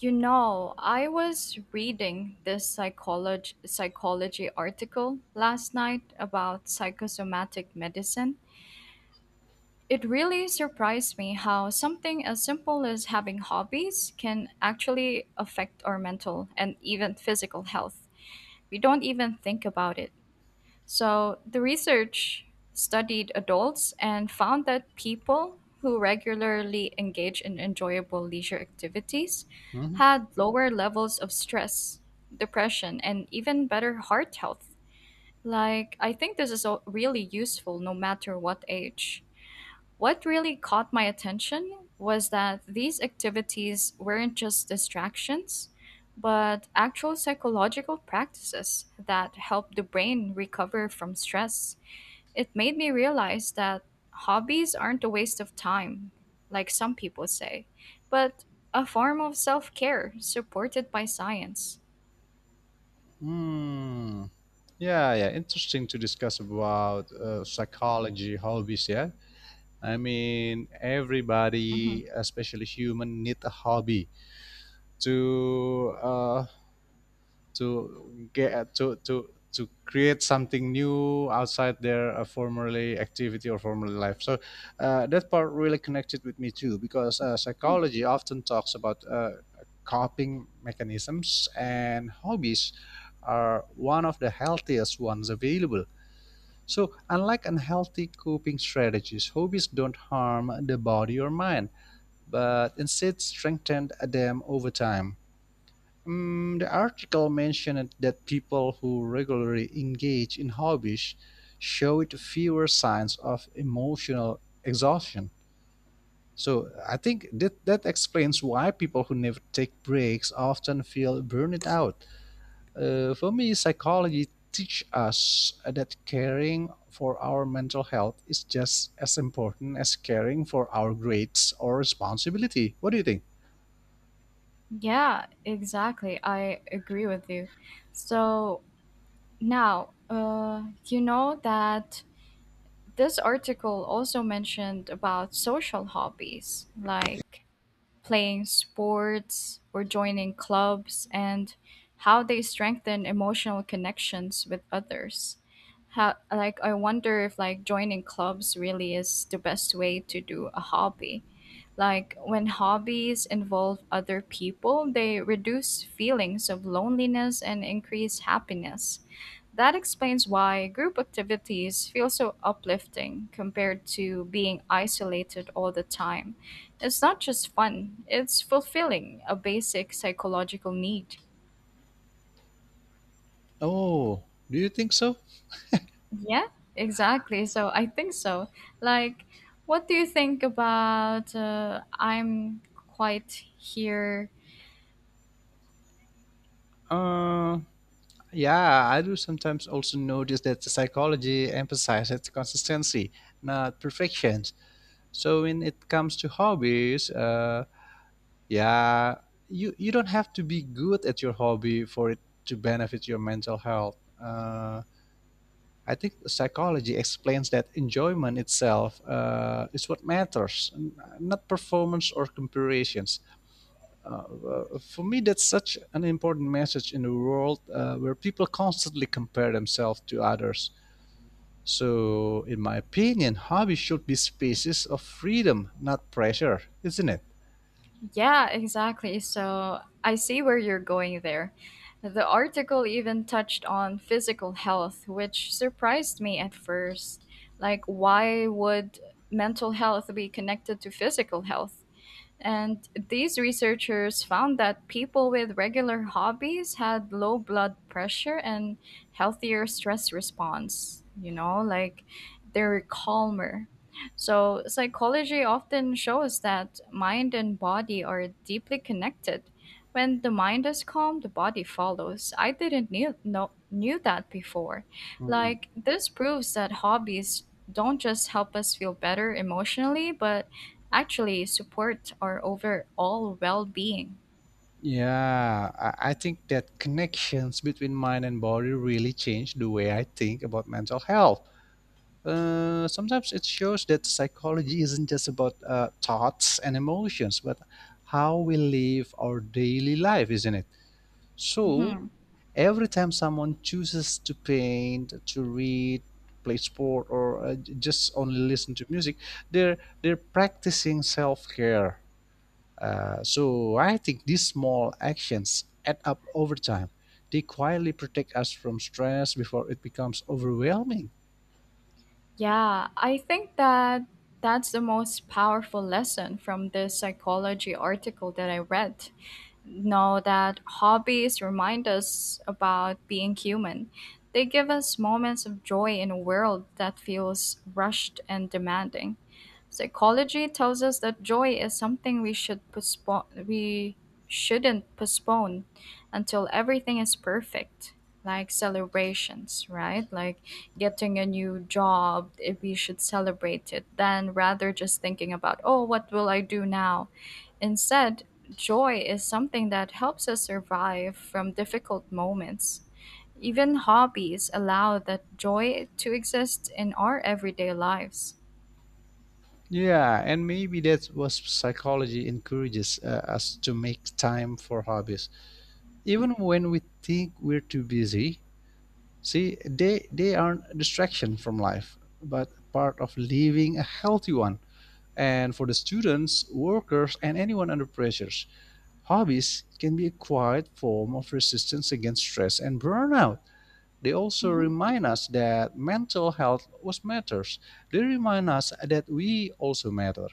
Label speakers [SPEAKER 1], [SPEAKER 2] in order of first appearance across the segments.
[SPEAKER 1] You know, I was reading this psychology article last night about psychosomatic medicine. It really surprised me how something as simple as having hobbies can actually affect our mental and even physical health. We don't even think about it. So the research studied adults and found that people who regularly engage in enjoyable leisure activities
[SPEAKER 2] Mhm.
[SPEAKER 1] had lower levels of stress, depression, and even better heart health. Like, I think this is all really useful no matter what age. What really caught my attention was that these activities weren't just distractions, but actual psychological practices that help the brain recover from stress. It made me realize that hobbies aren't a waste of time, like some people say, but a form of self care supported by science.
[SPEAKER 2] Hmm. Yeah, yeah. Interesting to discuss about psychology hobbies. Yeah, I mean
[SPEAKER 1] Mhm.
[SPEAKER 2] everybody, especially human, need a hobby to uh, to get to create something new outside their formerly activity or formerly life. So that part really connected with me too, because psychology often talks about coping mechanisms and hobbies are one of the healthiest ones available. So unlike unhealthy coping strategies, hobbies don't harm the body or mind, but instead strengthen them over time. The article mentioned that people who regularly engage in hobbies showed fewer signs of emotional exhaustion. So I think that explains why people who never take breaks often feel burned out. For me, psychology teach us that caring for our mental health is just as important as caring for our grades or responsibility. What do you think?
[SPEAKER 1] Yeah, exactly. I agree with you. So now, you know that this article also mentioned about social hobbies like playing sports or joining clubs and how they strengthen emotional connections with others. How, like, I wonder if, like, joining clubs really is the best way to do a hobby. Like, when hobbies involve other people, they reduce feelings of loneliness and increase happiness. That explains why group activities feel so uplifting compared to being isolated all the time. It's not just fun, it's fulfilling a basic psychological need.
[SPEAKER 2] Oh, do you think so?
[SPEAKER 1] Yeah, exactly. So I think so. Like, what do you think about I'm quite here?
[SPEAKER 2] Uh, yeah, I do sometimes also notice that the psychology emphasizes consistency, not perfection. So when it comes to hobbies, yeah, you don't have to be good at your hobby for it to benefit your mental health. I think psychology explains that enjoyment itself is what matters, not performance or comparisons. For me, that's such an important message in a world where people constantly compare themselves to others. So, in my opinion, hobby should be spaces of freedom, not pressure, isn't it?
[SPEAKER 1] Yeah, exactly. So I see where you're going there. The article even touched on physical health, which surprised me at first. Like, why would mental health be connected to physical health? And these researchers found that people with regular hobbies had low blood pressure and healthier stress response. You know, like, they're calmer. So, psychology often shows that mind and body are deeply connected. When the mind is calm, the body follows. I didn't knew that before.
[SPEAKER 2] Mm.
[SPEAKER 1] Like, this proves that hobbies don't just help us feel better emotionally, but actually support our overall well-being.
[SPEAKER 2] Yeah, I think that connections between mind and body really change the way I think about mental health. Sometimes it shows that psychology isn't just about thoughts and emotions, but how we live our daily life, isn't it? So,
[SPEAKER 1] Mhm.
[SPEAKER 2] every time someone chooses to paint, to read, play sport, or just only listen to music, they're practicing self care. So I think these small actions add up over time. They quietly protect us from stress before it becomes overwhelming.
[SPEAKER 1] Yeah, I think that that's the most powerful lesson from this psychology article that I read. Know that hobbies remind us about being human. They give us moments of joy in a world that feels rushed and demanding. Psychology tells us that joy is something we should postpone we shouldn't postpone until everything is perfect. Like celebrations, right? Like getting a new job, if we should celebrate it, then rather just thinking about, oh, what will I do now? Instead, joy is something that helps us survive from difficult moments. Even hobbies allow that joy to exist in our everyday lives.
[SPEAKER 2] Yeah, and maybe that's what psychology encourages us to make time for hobbies, even when we think we're too busy. See, they aren't a distraction from life, but part of living a healthy one. And for the students, workers, and anyone under pressures, hobbies can be a quiet form of resistance against stress and burnout. They also
[SPEAKER 1] Hmm.
[SPEAKER 2] remind us that mental health was matters. They remind us that we also matter.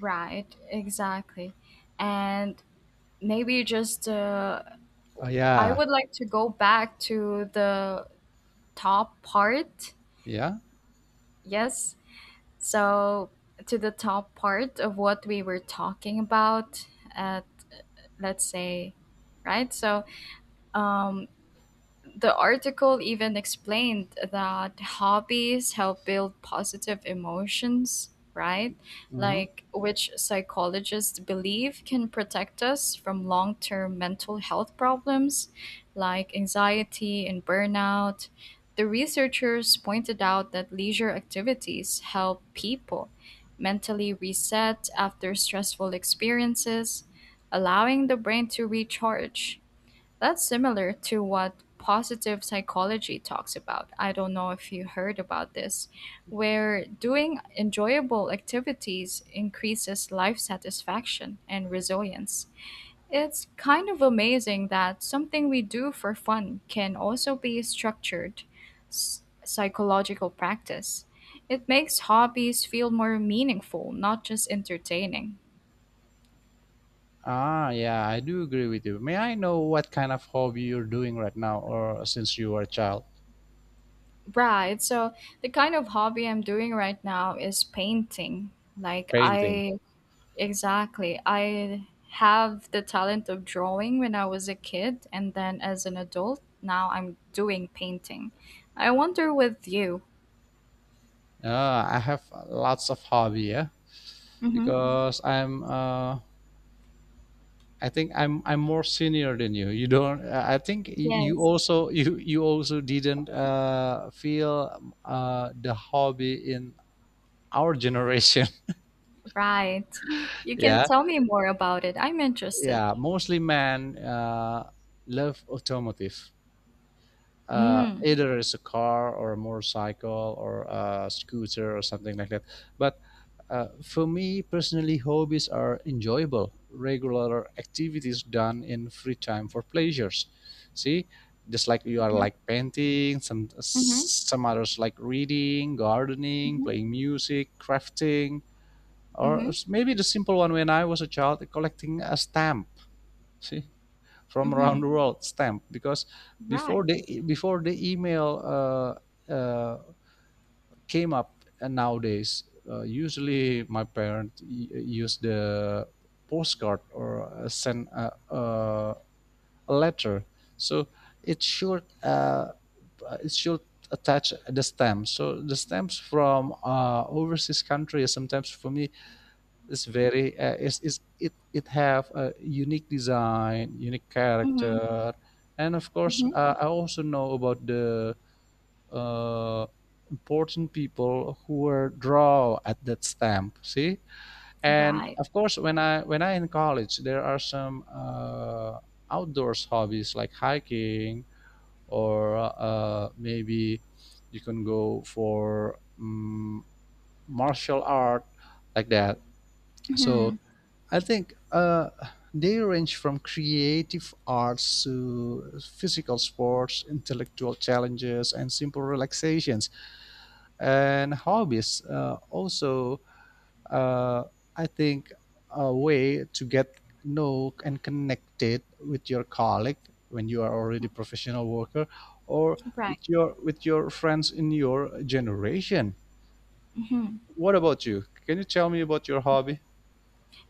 [SPEAKER 1] Right, exactly. And maybe just
[SPEAKER 2] Ah,
[SPEAKER 1] I
[SPEAKER 2] yeah,
[SPEAKER 1] would like to go back to the top part.
[SPEAKER 2] yeah.
[SPEAKER 1] Yes. So, to the top part of what we were talking about at, let's say, right? So, um, the article even explained that hobbies help build positive emotions, right?
[SPEAKER 2] Hmm.
[SPEAKER 1] Like, which psychologists believe can protect us from long term mental health problems like anxiety and burnout. The researchers pointed out that leisure activities help people mentally reset after stressful experiences, allowing the brain to recharge. That's similar to what positive psychology talks about. I don't know if you heard about this, where doing enjoyable activities increases life satisfaction and resilience. It's kind of amazing that something we do for fun can also be structured psychological practice. It makes hobbies feel more meaningful, not just entertaining.
[SPEAKER 2] Ah, yeah, I do agree with you. May I know what kind of hobby you're doing right now, or since you were a child?
[SPEAKER 1] Right. So the kind of hobby I'm doing right now is painting. Like
[SPEAKER 2] Painting.
[SPEAKER 1] I exactly. I have the talent of drawing when I was a kid, and then as an adult, now I'm doing painting. I wonder with you.
[SPEAKER 2] I have lots of hobby, yeah,
[SPEAKER 1] Mm-hmm.
[SPEAKER 2] because I think I'm more senior than you. You don't. I think you
[SPEAKER 1] Yes.
[SPEAKER 2] also. You also didn't feel the hobby in our generation.
[SPEAKER 1] Right. You can
[SPEAKER 2] yeah,
[SPEAKER 1] tell me more about it. I'm interested.
[SPEAKER 2] yeah. Mostly men love automotive.
[SPEAKER 1] Mm.
[SPEAKER 2] Either it's a car or a motorcycle or a scooter or something like that. But for me personally, hobbies are enjoyable, regular activities done in free time for pleasures. See, just like you are
[SPEAKER 1] Mm-hmm.
[SPEAKER 2] like painting, some
[SPEAKER 1] Mm-hmm.
[SPEAKER 2] some others like reading, gardening, playing music, crafting, or
[SPEAKER 1] Mm-hmm.
[SPEAKER 2] maybe the simple one when I was a child, collecting a stamp. See, from around
[SPEAKER 1] Mm-hmm.
[SPEAKER 2] the world stamp because
[SPEAKER 1] Right.
[SPEAKER 2] before the email came up and nowadays usually my parents use the postcard or send a letter so it should it should attach the stamp so the stamps from overseas countries sometimes for me it's very it's it it have a unique design unique
[SPEAKER 1] Mm-hmm.
[SPEAKER 2] character and of course
[SPEAKER 1] Mm-hmm.
[SPEAKER 2] I also know about the uh, important people who were draw at that stamp see and
[SPEAKER 1] Right.
[SPEAKER 2] of course when i in college there are some outdoors hobbies like hiking or maybe you can go for martial art like that
[SPEAKER 1] Mm-hmm.
[SPEAKER 2] so I think they range from creative arts to physical sports, intellectual challenges, and simple relaxations and hobbies. Uh, I think a way to get know and connected with your colleague when you are already professional worker or
[SPEAKER 1] Right.
[SPEAKER 2] with your friends in your generation.
[SPEAKER 1] Mm-hmm.
[SPEAKER 2] What about you? Can you tell me about your hobby?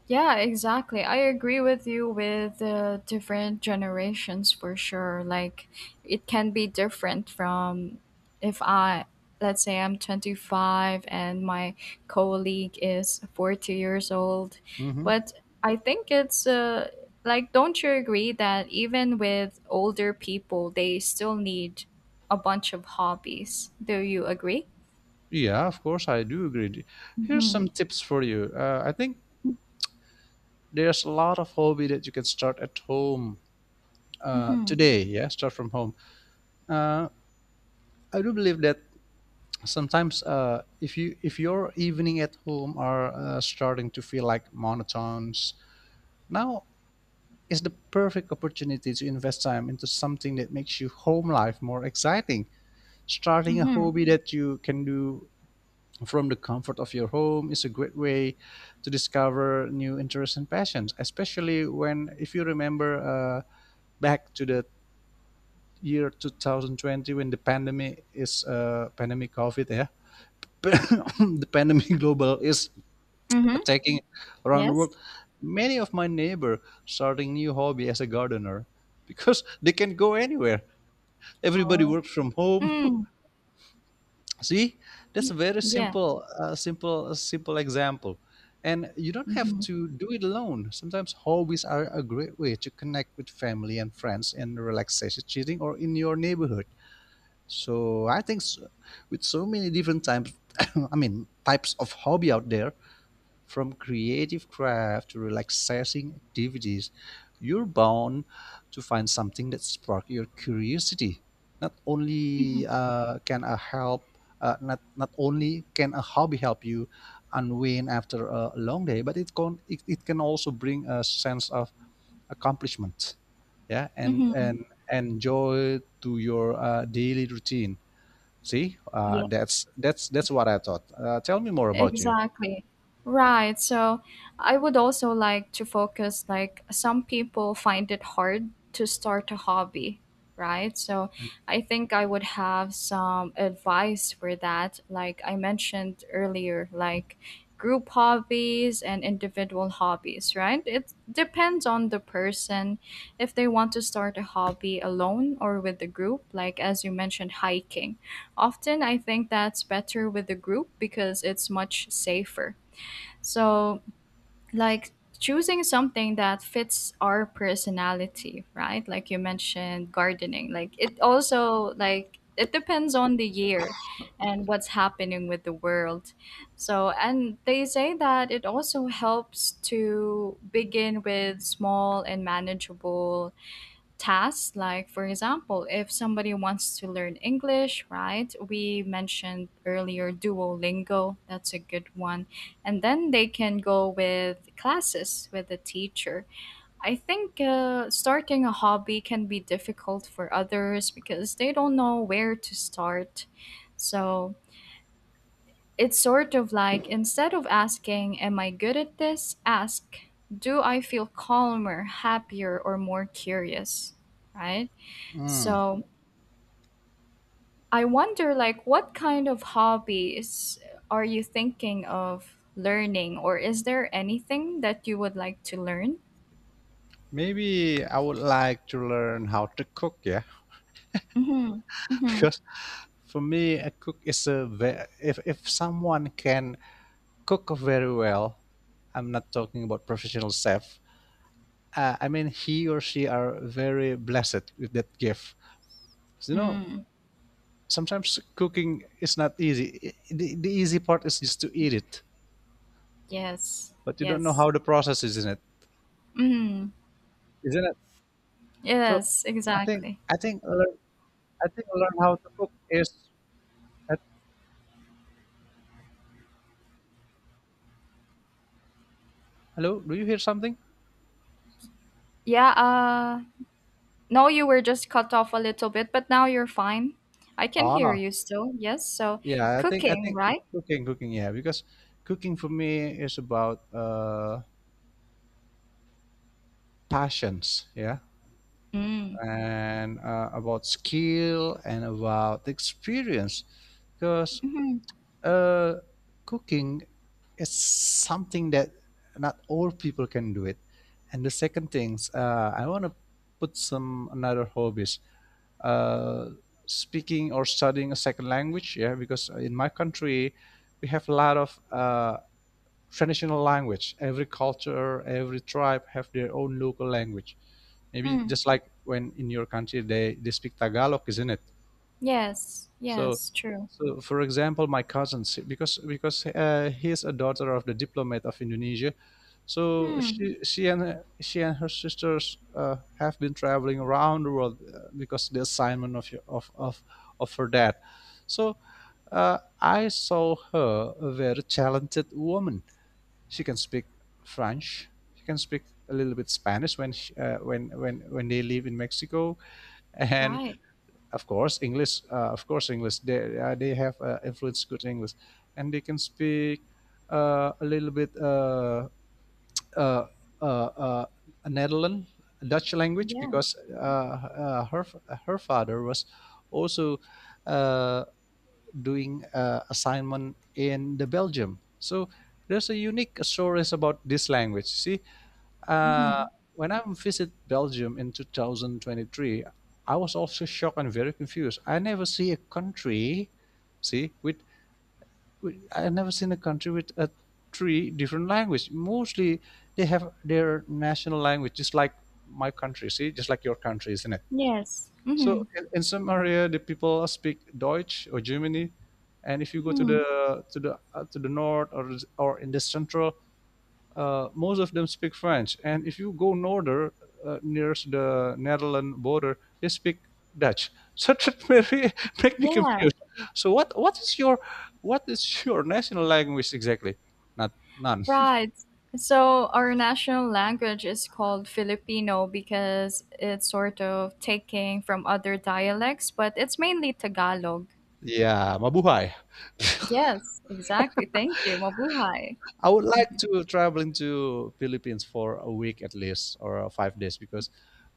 [SPEAKER 1] Yeah, exactly. I agree with you with the different generations for sure. Like, it can be different from, if I, let's say I'm 25 and my colleague is 40 years old.
[SPEAKER 2] Hmm.
[SPEAKER 1] But I think it's, like, don't you agree that even with older people they still need a bunch of hobbies. Do you agree?
[SPEAKER 2] Yeah, of course, I do agree. Here's
[SPEAKER 1] Mhm.
[SPEAKER 2] some tips for you. I think there's a lot of hobby that you can start at home
[SPEAKER 1] Mhm.
[SPEAKER 2] today. Yeah, start from home. Uh, I do believe that sometimes if you if your evening at home are starting to feel like monotones, now is the perfect opportunity to invest time into something that makes your home life more exciting. Starting a
[SPEAKER 1] Mhm.
[SPEAKER 2] hobby that you can do from the comfort of your home is a great way to discover new interests and passions, especially when, if you remember back to the year 2020 when the pandemic is pandemic COVID, yeah, the pandemic global is
[SPEAKER 1] Mhm.
[SPEAKER 2] attacking around the world.
[SPEAKER 1] Yes.
[SPEAKER 2] Many of my neighbor starting new hobby as a gardener because they can go anywhere. Everybody works from home.
[SPEAKER 1] Oh.
[SPEAKER 2] See, that's a very
[SPEAKER 1] Yeah.
[SPEAKER 2] simple example. And you don't have
[SPEAKER 1] Hmm.
[SPEAKER 2] to do it alone. Sometimes hobbies are a great way to connect with family and friends and relaxation cheating or in your neighborhood. So I think so, with so many different types, I mean types of hobby out there, from creative craft to relaxing activities, you're bound to find something that sparks your curiosity. Not
[SPEAKER 1] Hmm.
[SPEAKER 2] only can a help, not not only can a hobby help you unwind after a long day, but it can also bring a sense of accomplishment, yeah,
[SPEAKER 1] Hmm.
[SPEAKER 2] and joy to your daily routine. See, uh,
[SPEAKER 1] Yeah,
[SPEAKER 2] that's that's that's what I thought. Tell me more about you.
[SPEAKER 1] exactly. Right. So I would also like to focus, like, some people find it hard to start a hobby, right? So I think I would have some advice for that. Like I mentioned earlier, like group hobbies and individual hobbies, right? It depends on the person if they want to start a hobby alone or with the group, like as you mentioned hiking. Often I think that's better with the group because it's much safer. So, like, choosing something that fits our personality, right? Like you mentioned gardening. Like, it also, like, it depends on the year and what's happening with the world. So, and they say that it also helps to begin with small and manageable tasks, like for example if somebody wants to learn English, right, we mentioned earlier Duolingo, that's a good one, and then they can go with classes with a teacher. I think, starting a hobby can be difficult for others because they don't know where to start. So it's sort of like, instead of asking am I good at this, ask do I feel calmer, happier or more curious, right?
[SPEAKER 2] Hmm.
[SPEAKER 1] So I wonder, like, what kind of hobbies are you thinking of learning, or is there anything that you would like to learn?
[SPEAKER 2] Maybe I would like to learn how to cook, yeah,
[SPEAKER 1] Mm-hmm. Mm-hmm.
[SPEAKER 2] because for me, a cook is if someone can cook very well, I'm not talking about professional chef. I mean, he or she are very blessed with that gift. 'Cause, you know,
[SPEAKER 1] Mm.
[SPEAKER 2] sometimes cooking is not easy. The easy part is just to eat it,
[SPEAKER 1] Yes.
[SPEAKER 2] but you don't know
[SPEAKER 1] Yes.
[SPEAKER 2] how the process is in it,
[SPEAKER 1] Mm.
[SPEAKER 2] isn't it? So
[SPEAKER 1] Yes.
[SPEAKER 2] I think
[SPEAKER 1] Exactly.
[SPEAKER 2] I think learn, I think learn how to cook is. uh, Hello, do you hear something?
[SPEAKER 1] Yeah. No, you were just cut off a little bit, but now you're fine. I can hear
[SPEAKER 2] Ah,
[SPEAKER 1] you still. Yes. So,
[SPEAKER 2] yeah, I think I
[SPEAKER 1] cooking,
[SPEAKER 2] think
[SPEAKER 1] right?
[SPEAKER 2] cooking, cooking, yeah, because cooking for me is about passions, yeah,
[SPEAKER 1] Mm.
[SPEAKER 2] and about skill and about experience, because
[SPEAKER 1] Mm-hmm.
[SPEAKER 2] uh, cooking is something that not all people can do it. And the second things, I want to put some another hobbies, uh, speaking or studying a second language, yeah, because in my country we have a lot of traditional language. Every culture, every tribe have their own local language. Maybe
[SPEAKER 1] Mm.
[SPEAKER 2] just like when in your country they speak Tagalog, isn't it?
[SPEAKER 1] Yes.
[SPEAKER 2] So,
[SPEAKER 1] Yes. True.
[SPEAKER 2] so for example, my cousin, she- because he's a daughter of the diplomat of Indonesia, so
[SPEAKER 1] Mm.
[SPEAKER 2] she and her sisters have been traveling around the world because the assignment of of her dad. So I saw her a very talented woman she can speak French. She can speak a little bit Spanish when she, when they live in Mexico, and
[SPEAKER 1] Right.
[SPEAKER 2] of course English. They have influence good English, and they can speak a little bit uh, uh, uh, Netherlands Dutch language
[SPEAKER 1] Yeah.
[SPEAKER 2] because her her father was also uh, doing assignment in the Belgium. So there's a unique stories about this language. See,
[SPEAKER 1] Mm-hmm.
[SPEAKER 2] uh, when I visit Belgium in 2023, I was also shocked and very confused. See, with, I never seen a country with a three different language. Mostly they have their national language, just like my country. See, just like your country, isn't it?
[SPEAKER 1] Yes. Hmm.
[SPEAKER 2] So in some area, the people speak Deutsch or Germany, and if you go to
[SPEAKER 1] Hmm.
[SPEAKER 2] the to the uh, to the north or in the central, most of them speak French. And if you go norther, nearest the Netherlands border, they speak Dutch. So make me
[SPEAKER 1] Yeah,
[SPEAKER 2] confused. So what is your national language exactly? Not none.
[SPEAKER 1] right. So our national language is called Filipino because it's sort of taking from other dialects, but it's mainly Tagalog.
[SPEAKER 2] Yeah, mabuhay.
[SPEAKER 1] Yes, exactly. Thank you. Mabuhay.
[SPEAKER 2] I would like
[SPEAKER 1] Mhm.
[SPEAKER 2] to traveling to Philippines for a week at least or 5 days because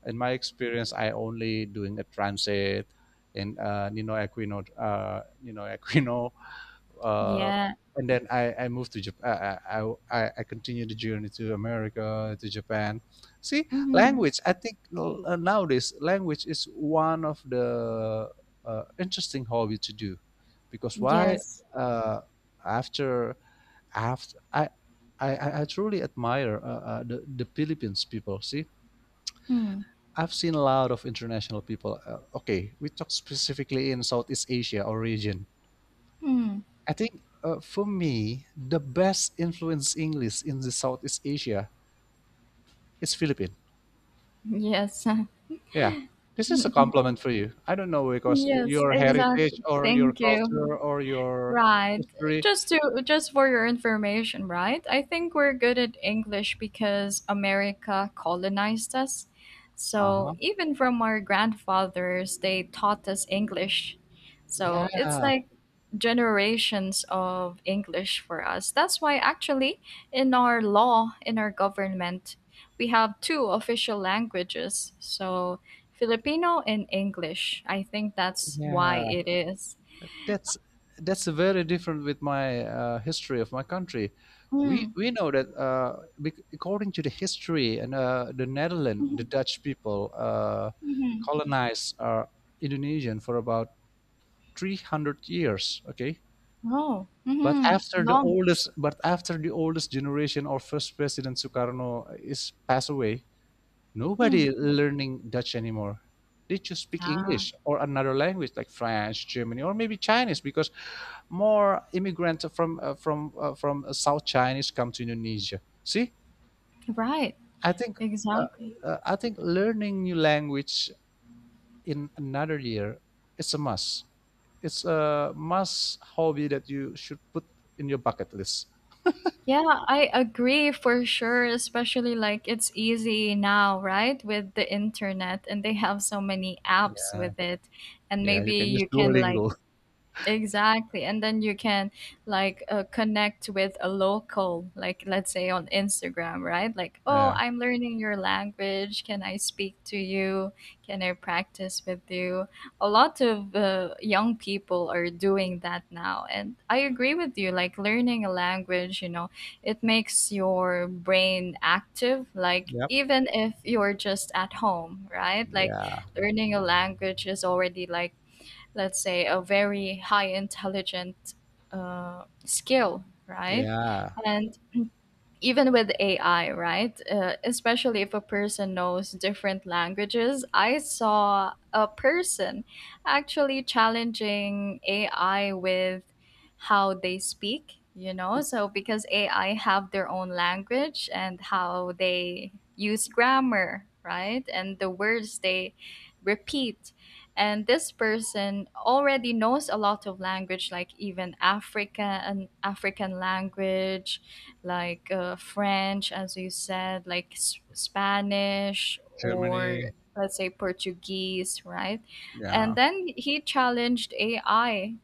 [SPEAKER 2] in my experience I only doing a transit in Nino Aquino uh,
[SPEAKER 1] Yeah.
[SPEAKER 2] and then I moved to Japan. I continued the journey to America, to Japan. See,
[SPEAKER 1] Hmm.
[SPEAKER 2] language. I think nowadays language is one of the interesting hobby to do, because why?
[SPEAKER 1] Yes.
[SPEAKER 2] Uh, after After I truly admire the Philippines people. See,
[SPEAKER 1] Hmm.
[SPEAKER 2] I've seen a lot of international people. Okay, we talk specifically in Southeast Asia or region.
[SPEAKER 1] Hmm.
[SPEAKER 2] I think for me, the best influence English in the Southeast Asia is Philippine.
[SPEAKER 1] Yes.
[SPEAKER 2] Yeah, this is a compliment for you. I don't know because
[SPEAKER 1] Yes,
[SPEAKER 2] your
[SPEAKER 1] exactly.
[SPEAKER 2] heritage or your
[SPEAKER 1] Thank you.
[SPEAKER 2] culture or your
[SPEAKER 1] Right.
[SPEAKER 2] history.
[SPEAKER 1] Just to, just for your information, right? I think we're good at English because America colonized us.
[SPEAKER 2] Uh
[SPEAKER 1] So
[SPEAKER 2] huh.
[SPEAKER 1] even from our grandfathers, they taught us English. So it's
[SPEAKER 2] Yeah,
[SPEAKER 1] like generations of English for us. That's why actually in our law, in our government, we have two official languages. So Filipino and English. I think that's why
[SPEAKER 2] yeah.
[SPEAKER 1] it is.
[SPEAKER 2] that's that's very different with my history of my country. We
[SPEAKER 1] Mm.
[SPEAKER 2] we know that according to the history and the Netherlands, the Dutch people
[SPEAKER 1] Mhm.
[SPEAKER 2] colonized Indonesian for about 300 years. Okay,
[SPEAKER 1] Oh. Mhm. Long.
[SPEAKER 2] but after the oldest generation or first president Sukarno is passed away,
[SPEAKER 1] Mm.
[SPEAKER 2] nobody learning Dutch anymore. They just speak
[SPEAKER 1] Ah.
[SPEAKER 2] English or another language like French, Germany, or maybe Chinese because more immigrants from South Chinese come to Indonesia. See,
[SPEAKER 1] Right.
[SPEAKER 2] I think uh,
[SPEAKER 1] Exactly.
[SPEAKER 2] I think learning new language in another year it's a must. It's a must hobby that you should put in your bucket list.
[SPEAKER 1] Yeah, I agree for sure, especially like it's easy now, right? With the internet and they have so many apps
[SPEAKER 2] Yeah,
[SPEAKER 1] with it. And
[SPEAKER 2] yeah
[SPEAKER 1] maybe
[SPEAKER 2] you can use
[SPEAKER 1] you can like
[SPEAKER 2] Duolingo.
[SPEAKER 1] exactly. And then you can, like, connect with a local, like let's say on Instagram, right? Like, oh,
[SPEAKER 2] Yeah.
[SPEAKER 1] I'm learning your language. Can I speak to you? Can I practice with you? A lot of young people are doing that now. And I agree with you. Like, learning a language, you know, it makes your brain active. Like,
[SPEAKER 2] Yep.
[SPEAKER 1] even if you're just at home, right? Like,
[SPEAKER 2] Yeah.
[SPEAKER 1] learning a language is already like, let's say, a very high intelligent skill, right?
[SPEAKER 2] Yeah.
[SPEAKER 1] And even with AI, right? Especially if a person knows different languages. I saw a person actually challenging AI with how they speak, you know? So because AI have their own language and how they use grammar, right? And the words they repeat. And this person already knows a lot of language, like even Africa and African language, like French, as you said, like Spanish, or let's say Portuguese, right? And
[SPEAKER 2] Yeah.
[SPEAKER 1] then he challenged AI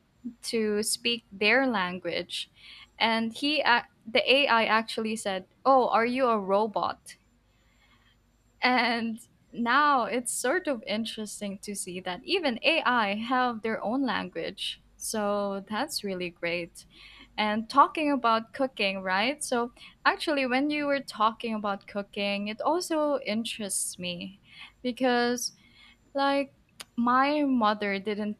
[SPEAKER 1] to speak their language. And he, the AI actually said, oh, are you a robot? And now it's sort of interesting to see that even AI have their own language. So that's really great. And talking about cooking, right? So actually when you were talking about cooking, it also interests me because, like, my mother didn't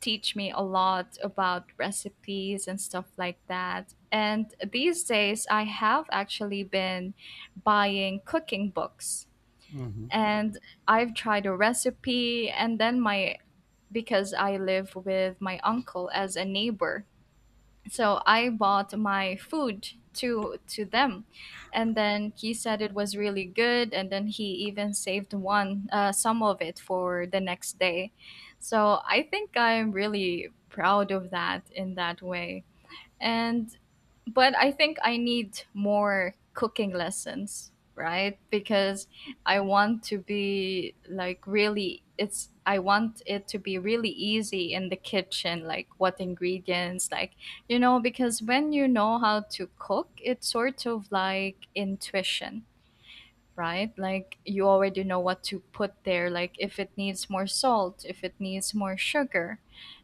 [SPEAKER 1] teach me a lot about recipes and stuff like that. And these days I have actually been buying cooking books
[SPEAKER 2] Hmm.
[SPEAKER 1] and I've tried a recipe, and then my, because I live with my uncle as a neighbor. So I bought my food to them and then he said it was really good, and then he even saved one, some of it for the next day. So I think I'm really proud of that in that way. And but I think I need more cooking lessons, right? Because I want to be like really, it's, I want it to be really easy in the kitchen, like what ingredients, like, you know, because when you know how to cook, it's sort of like intuition, right? Like you already know what to put there, like if it needs more salt, if it needs more sugar.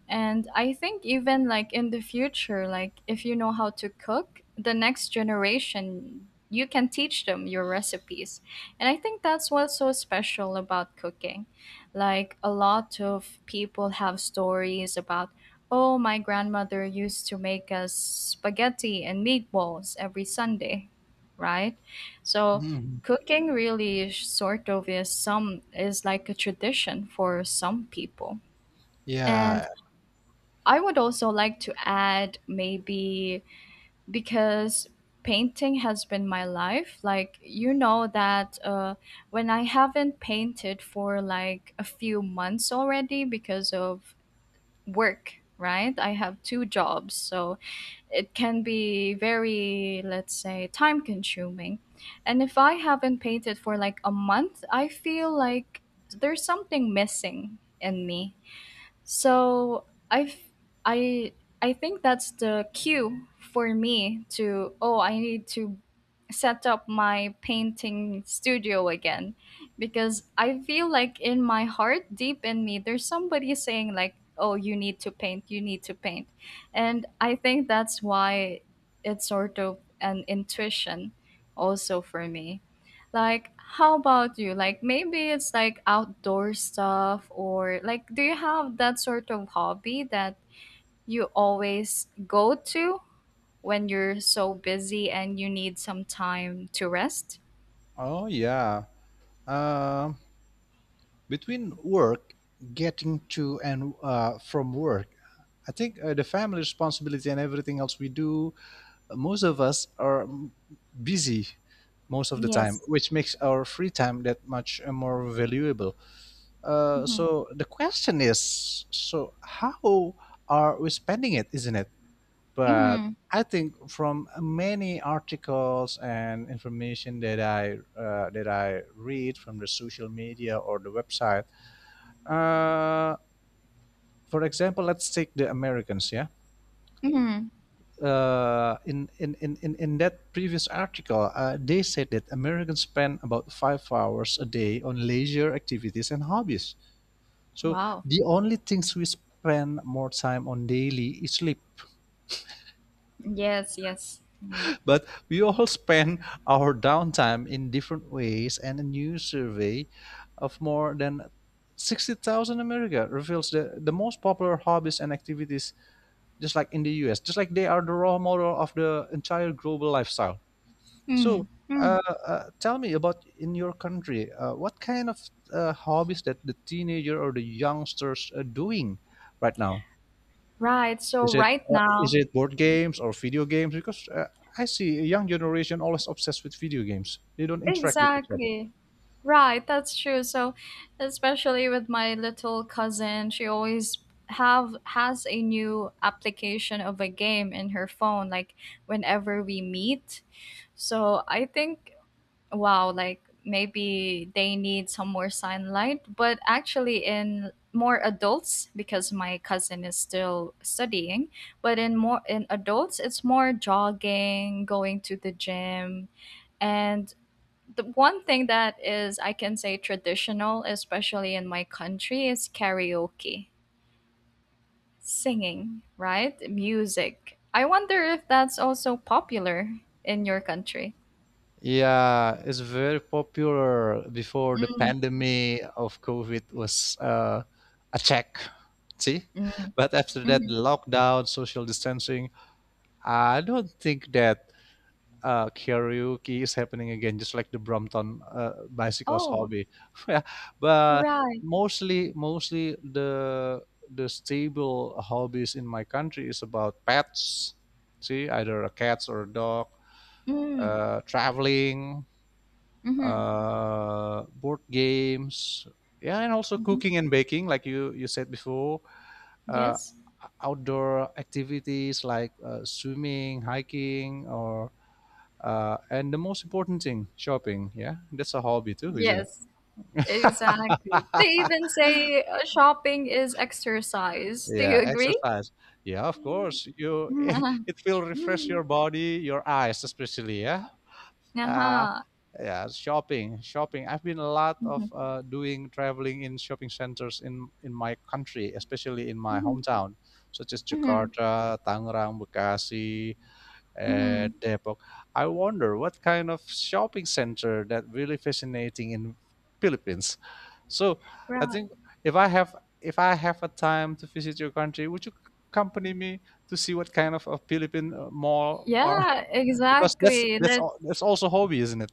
[SPEAKER 1] And I think even like in the future, like if you know how to cook, the next generation you can teach them your recipes. And I think that's what's so special about cooking. Like a lot of people have stories about, oh, my grandmother used to make us spaghetti and meatballs every Sunday, right? So,
[SPEAKER 2] Hmm.
[SPEAKER 1] cooking really is sort of is some is like a tradition for some people. And
[SPEAKER 2] Yeah.
[SPEAKER 1] I would also like to add maybe because painting has been my life. Like you know that when I haven't painted for like a few months already because of work, right? I have two jobs, so it can be very, let's say, time consuming. And if I haven't painted for like a month, I feel like there's something missing in me, so I I think that's the cue for me to, oh, I need to set up my painting studio again, because I feel like in my heart, deep in me, there's somebody saying like, oh, you need to paint, you need to paint. And I think that's why it's sort of an intuition also for me. Like, how about you? Like, maybe it's like outdoor stuff, or like, do you have that sort of hobby that you always go to when you're so busy and you need some time to rest?
[SPEAKER 2] Oh, yeah. Um, Between work, getting to and from work, I think the family responsibility and everything else we do, most of us are busy most of the time,
[SPEAKER 1] Yes.
[SPEAKER 2] which makes our free time that much more valuable. Uh,
[SPEAKER 1] Mm-hmm.
[SPEAKER 2] so the question is, so how are we spending it, isn't it? But
[SPEAKER 1] Mm-hmm.
[SPEAKER 2] I think from many articles and information that I read from the social media or the website, uh, for example, let's take the Americans. Yeah,
[SPEAKER 1] Mm-hmm.
[SPEAKER 2] in that previous article, they said that Americans spend about 5 hours a day on leisure activities and hobbies. So
[SPEAKER 1] Wow.
[SPEAKER 2] the only things we spend more time on daily is sleep.
[SPEAKER 1] Yes, yes. Mm-hmm.
[SPEAKER 2] But we all spend our downtime in different ways, and a new survey of more than 60,000 America reveals that the most popular hobbies and activities just like in the US, just like they are the role model of the entire global lifestyle. So,
[SPEAKER 1] Mm-hmm.
[SPEAKER 2] uh, tell me about in your country, what kind of hobbies that the teenager or the youngsters are doing right now?
[SPEAKER 1] Right. So,
[SPEAKER 2] Is it
[SPEAKER 1] right
[SPEAKER 2] uh, is
[SPEAKER 1] now,
[SPEAKER 2] it board games or video games? Because I see a young generation always obsessed with video games. They don't interact with each other.
[SPEAKER 1] exactly. Right, that's true. So, especially with my little cousin, she always have has a new application of a game in her phone, like whenever we meet. So, I think, wow, like maybe they need some more sunlight, but actually in more adults because my cousin is still studying, but in more in adults it's more jogging, going to the gym, and the one thing that is I can say traditional, especially in my country, is karaoke, singing, right? Music. I wonder if that's also popular in your country.
[SPEAKER 2] Yeah, it's very popular before the
[SPEAKER 1] Mm,
[SPEAKER 2] pandemic of COVID was a check. See?
[SPEAKER 1] mm,
[SPEAKER 2] But after that, the
[SPEAKER 1] mhm.
[SPEAKER 2] lockdown, social distancing, I don't think that karaoke is happening again, just like the Brompton bicycles
[SPEAKER 1] Oh,
[SPEAKER 2] hobby. Yeah, but
[SPEAKER 1] right.
[SPEAKER 2] mostly the stable hobbies in my country is about pets. See, either a cat or a dog,
[SPEAKER 1] Mm,
[SPEAKER 2] traveling,
[SPEAKER 1] mm-hmm,
[SPEAKER 2] board games, yeah, and also
[SPEAKER 1] hmm.
[SPEAKER 2] cooking and baking, like you said before. Uh,
[SPEAKER 1] Yes.
[SPEAKER 2] Outdoor activities like swimming, hiking, or and the most important thing, shopping. Yeah, that's a hobby too, isn't it?
[SPEAKER 1] Yes, exactly. They even say shopping is exercise. Do
[SPEAKER 2] Yeah,
[SPEAKER 1] you agree?
[SPEAKER 2] exercise. Yeah, of course. You it will refresh
[SPEAKER 1] Mm.
[SPEAKER 2] your body, your eyes especially. Yeah. Uh,
[SPEAKER 1] Uh-huh.
[SPEAKER 2] yeah, shopping. I've been a lot of
[SPEAKER 1] Mhm,
[SPEAKER 2] doing traveling in shopping centers in my country, especially in my
[SPEAKER 1] mhm,
[SPEAKER 2] hometown, such as
[SPEAKER 1] mhm,
[SPEAKER 2] Jakarta, Tangerang, Bekasi, and
[SPEAKER 1] mhm.
[SPEAKER 2] Depok. I wonder what kind of shopping center that really fascinating in Philippines. So I
[SPEAKER 1] Right.
[SPEAKER 2] think if I have if I have a time to visit your country, would you accompany me to see what kind of a Philippine mall are?
[SPEAKER 1] Yeah,
[SPEAKER 2] Because
[SPEAKER 1] exactly. That's
[SPEAKER 2] that's also hobby, isn't it?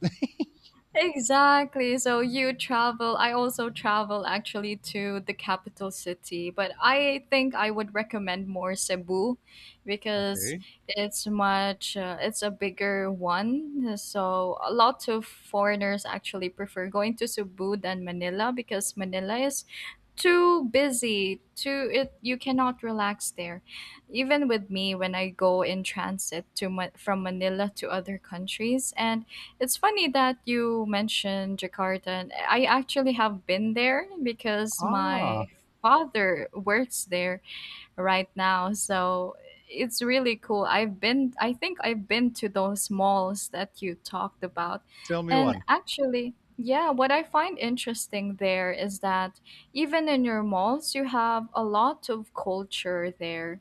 [SPEAKER 1] Exactly. So you travel. I also travel actually to the capital city, but I think I would recommend more Cebu because
[SPEAKER 2] Okay.
[SPEAKER 1] it's much it's a bigger one. So a lot of foreigners actually prefer going to Cebu than Manila, because Manila is too busy. Too It, you cannot relax there, even with me when I go in transit to from Manila to other countries. And it's funny that you mentioned Jakarta, and I actually have been there because
[SPEAKER 2] Ah,
[SPEAKER 1] my father works there right now. So it's really cool. I've been, I think I've been to those malls that you talked about. And
[SPEAKER 2] fun.
[SPEAKER 1] actually, yeah, what I find interesting there is that even in your malls, you have a lot of culture there.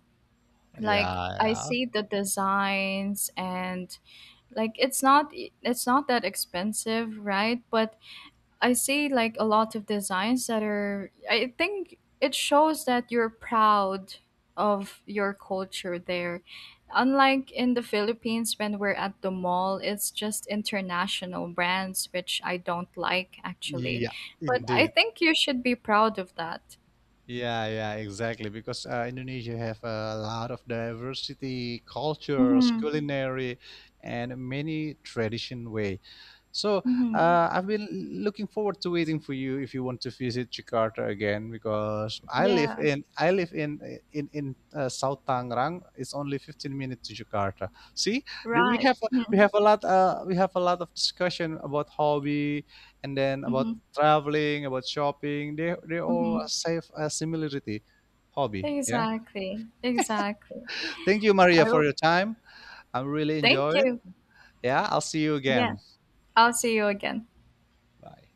[SPEAKER 1] Like, I see the designs and, like, it's not that expensive, right? But I see like a lot of designs that, are I think it shows that you're proud of your culture there. Unlike in the Philippines, when we're at the mall, it's just international brands, which I don't like actually.
[SPEAKER 2] Yeah,
[SPEAKER 1] But I
[SPEAKER 2] indeed.
[SPEAKER 1] think you should be proud of that.
[SPEAKER 2] Yeah, exactly. Because Indonesia have a lot of diversity, cultures,
[SPEAKER 1] Mhm.
[SPEAKER 2] culinary, and many tradition way. So
[SPEAKER 1] Mhm.
[SPEAKER 2] I've been looking forward to waiting for you if you want to visit Jakarta again because
[SPEAKER 1] Yeah,
[SPEAKER 2] I live in South Tangerang. It's only 15 minutes to Jakarta. See, we
[SPEAKER 1] right.
[SPEAKER 2] have we
[SPEAKER 1] Mhm.
[SPEAKER 2] have a lot we have a lot of discussion about hobby and then about
[SPEAKER 1] Mhm.
[SPEAKER 2] traveling, about shopping. They all
[SPEAKER 1] Mhm.
[SPEAKER 2] have a similarity hobby. Yeah.
[SPEAKER 1] Exactly. Exactly.
[SPEAKER 2] Thank you, Maria,
[SPEAKER 1] I
[SPEAKER 2] for
[SPEAKER 1] will,
[SPEAKER 2] your time. I really
[SPEAKER 1] thank
[SPEAKER 2] enjoy it.
[SPEAKER 1] you.
[SPEAKER 2] Yeah. I'll see you
[SPEAKER 1] Yeah.
[SPEAKER 2] again.
[SPEAKER 1] I'll see you again.
[SPEAKER 2] Bye.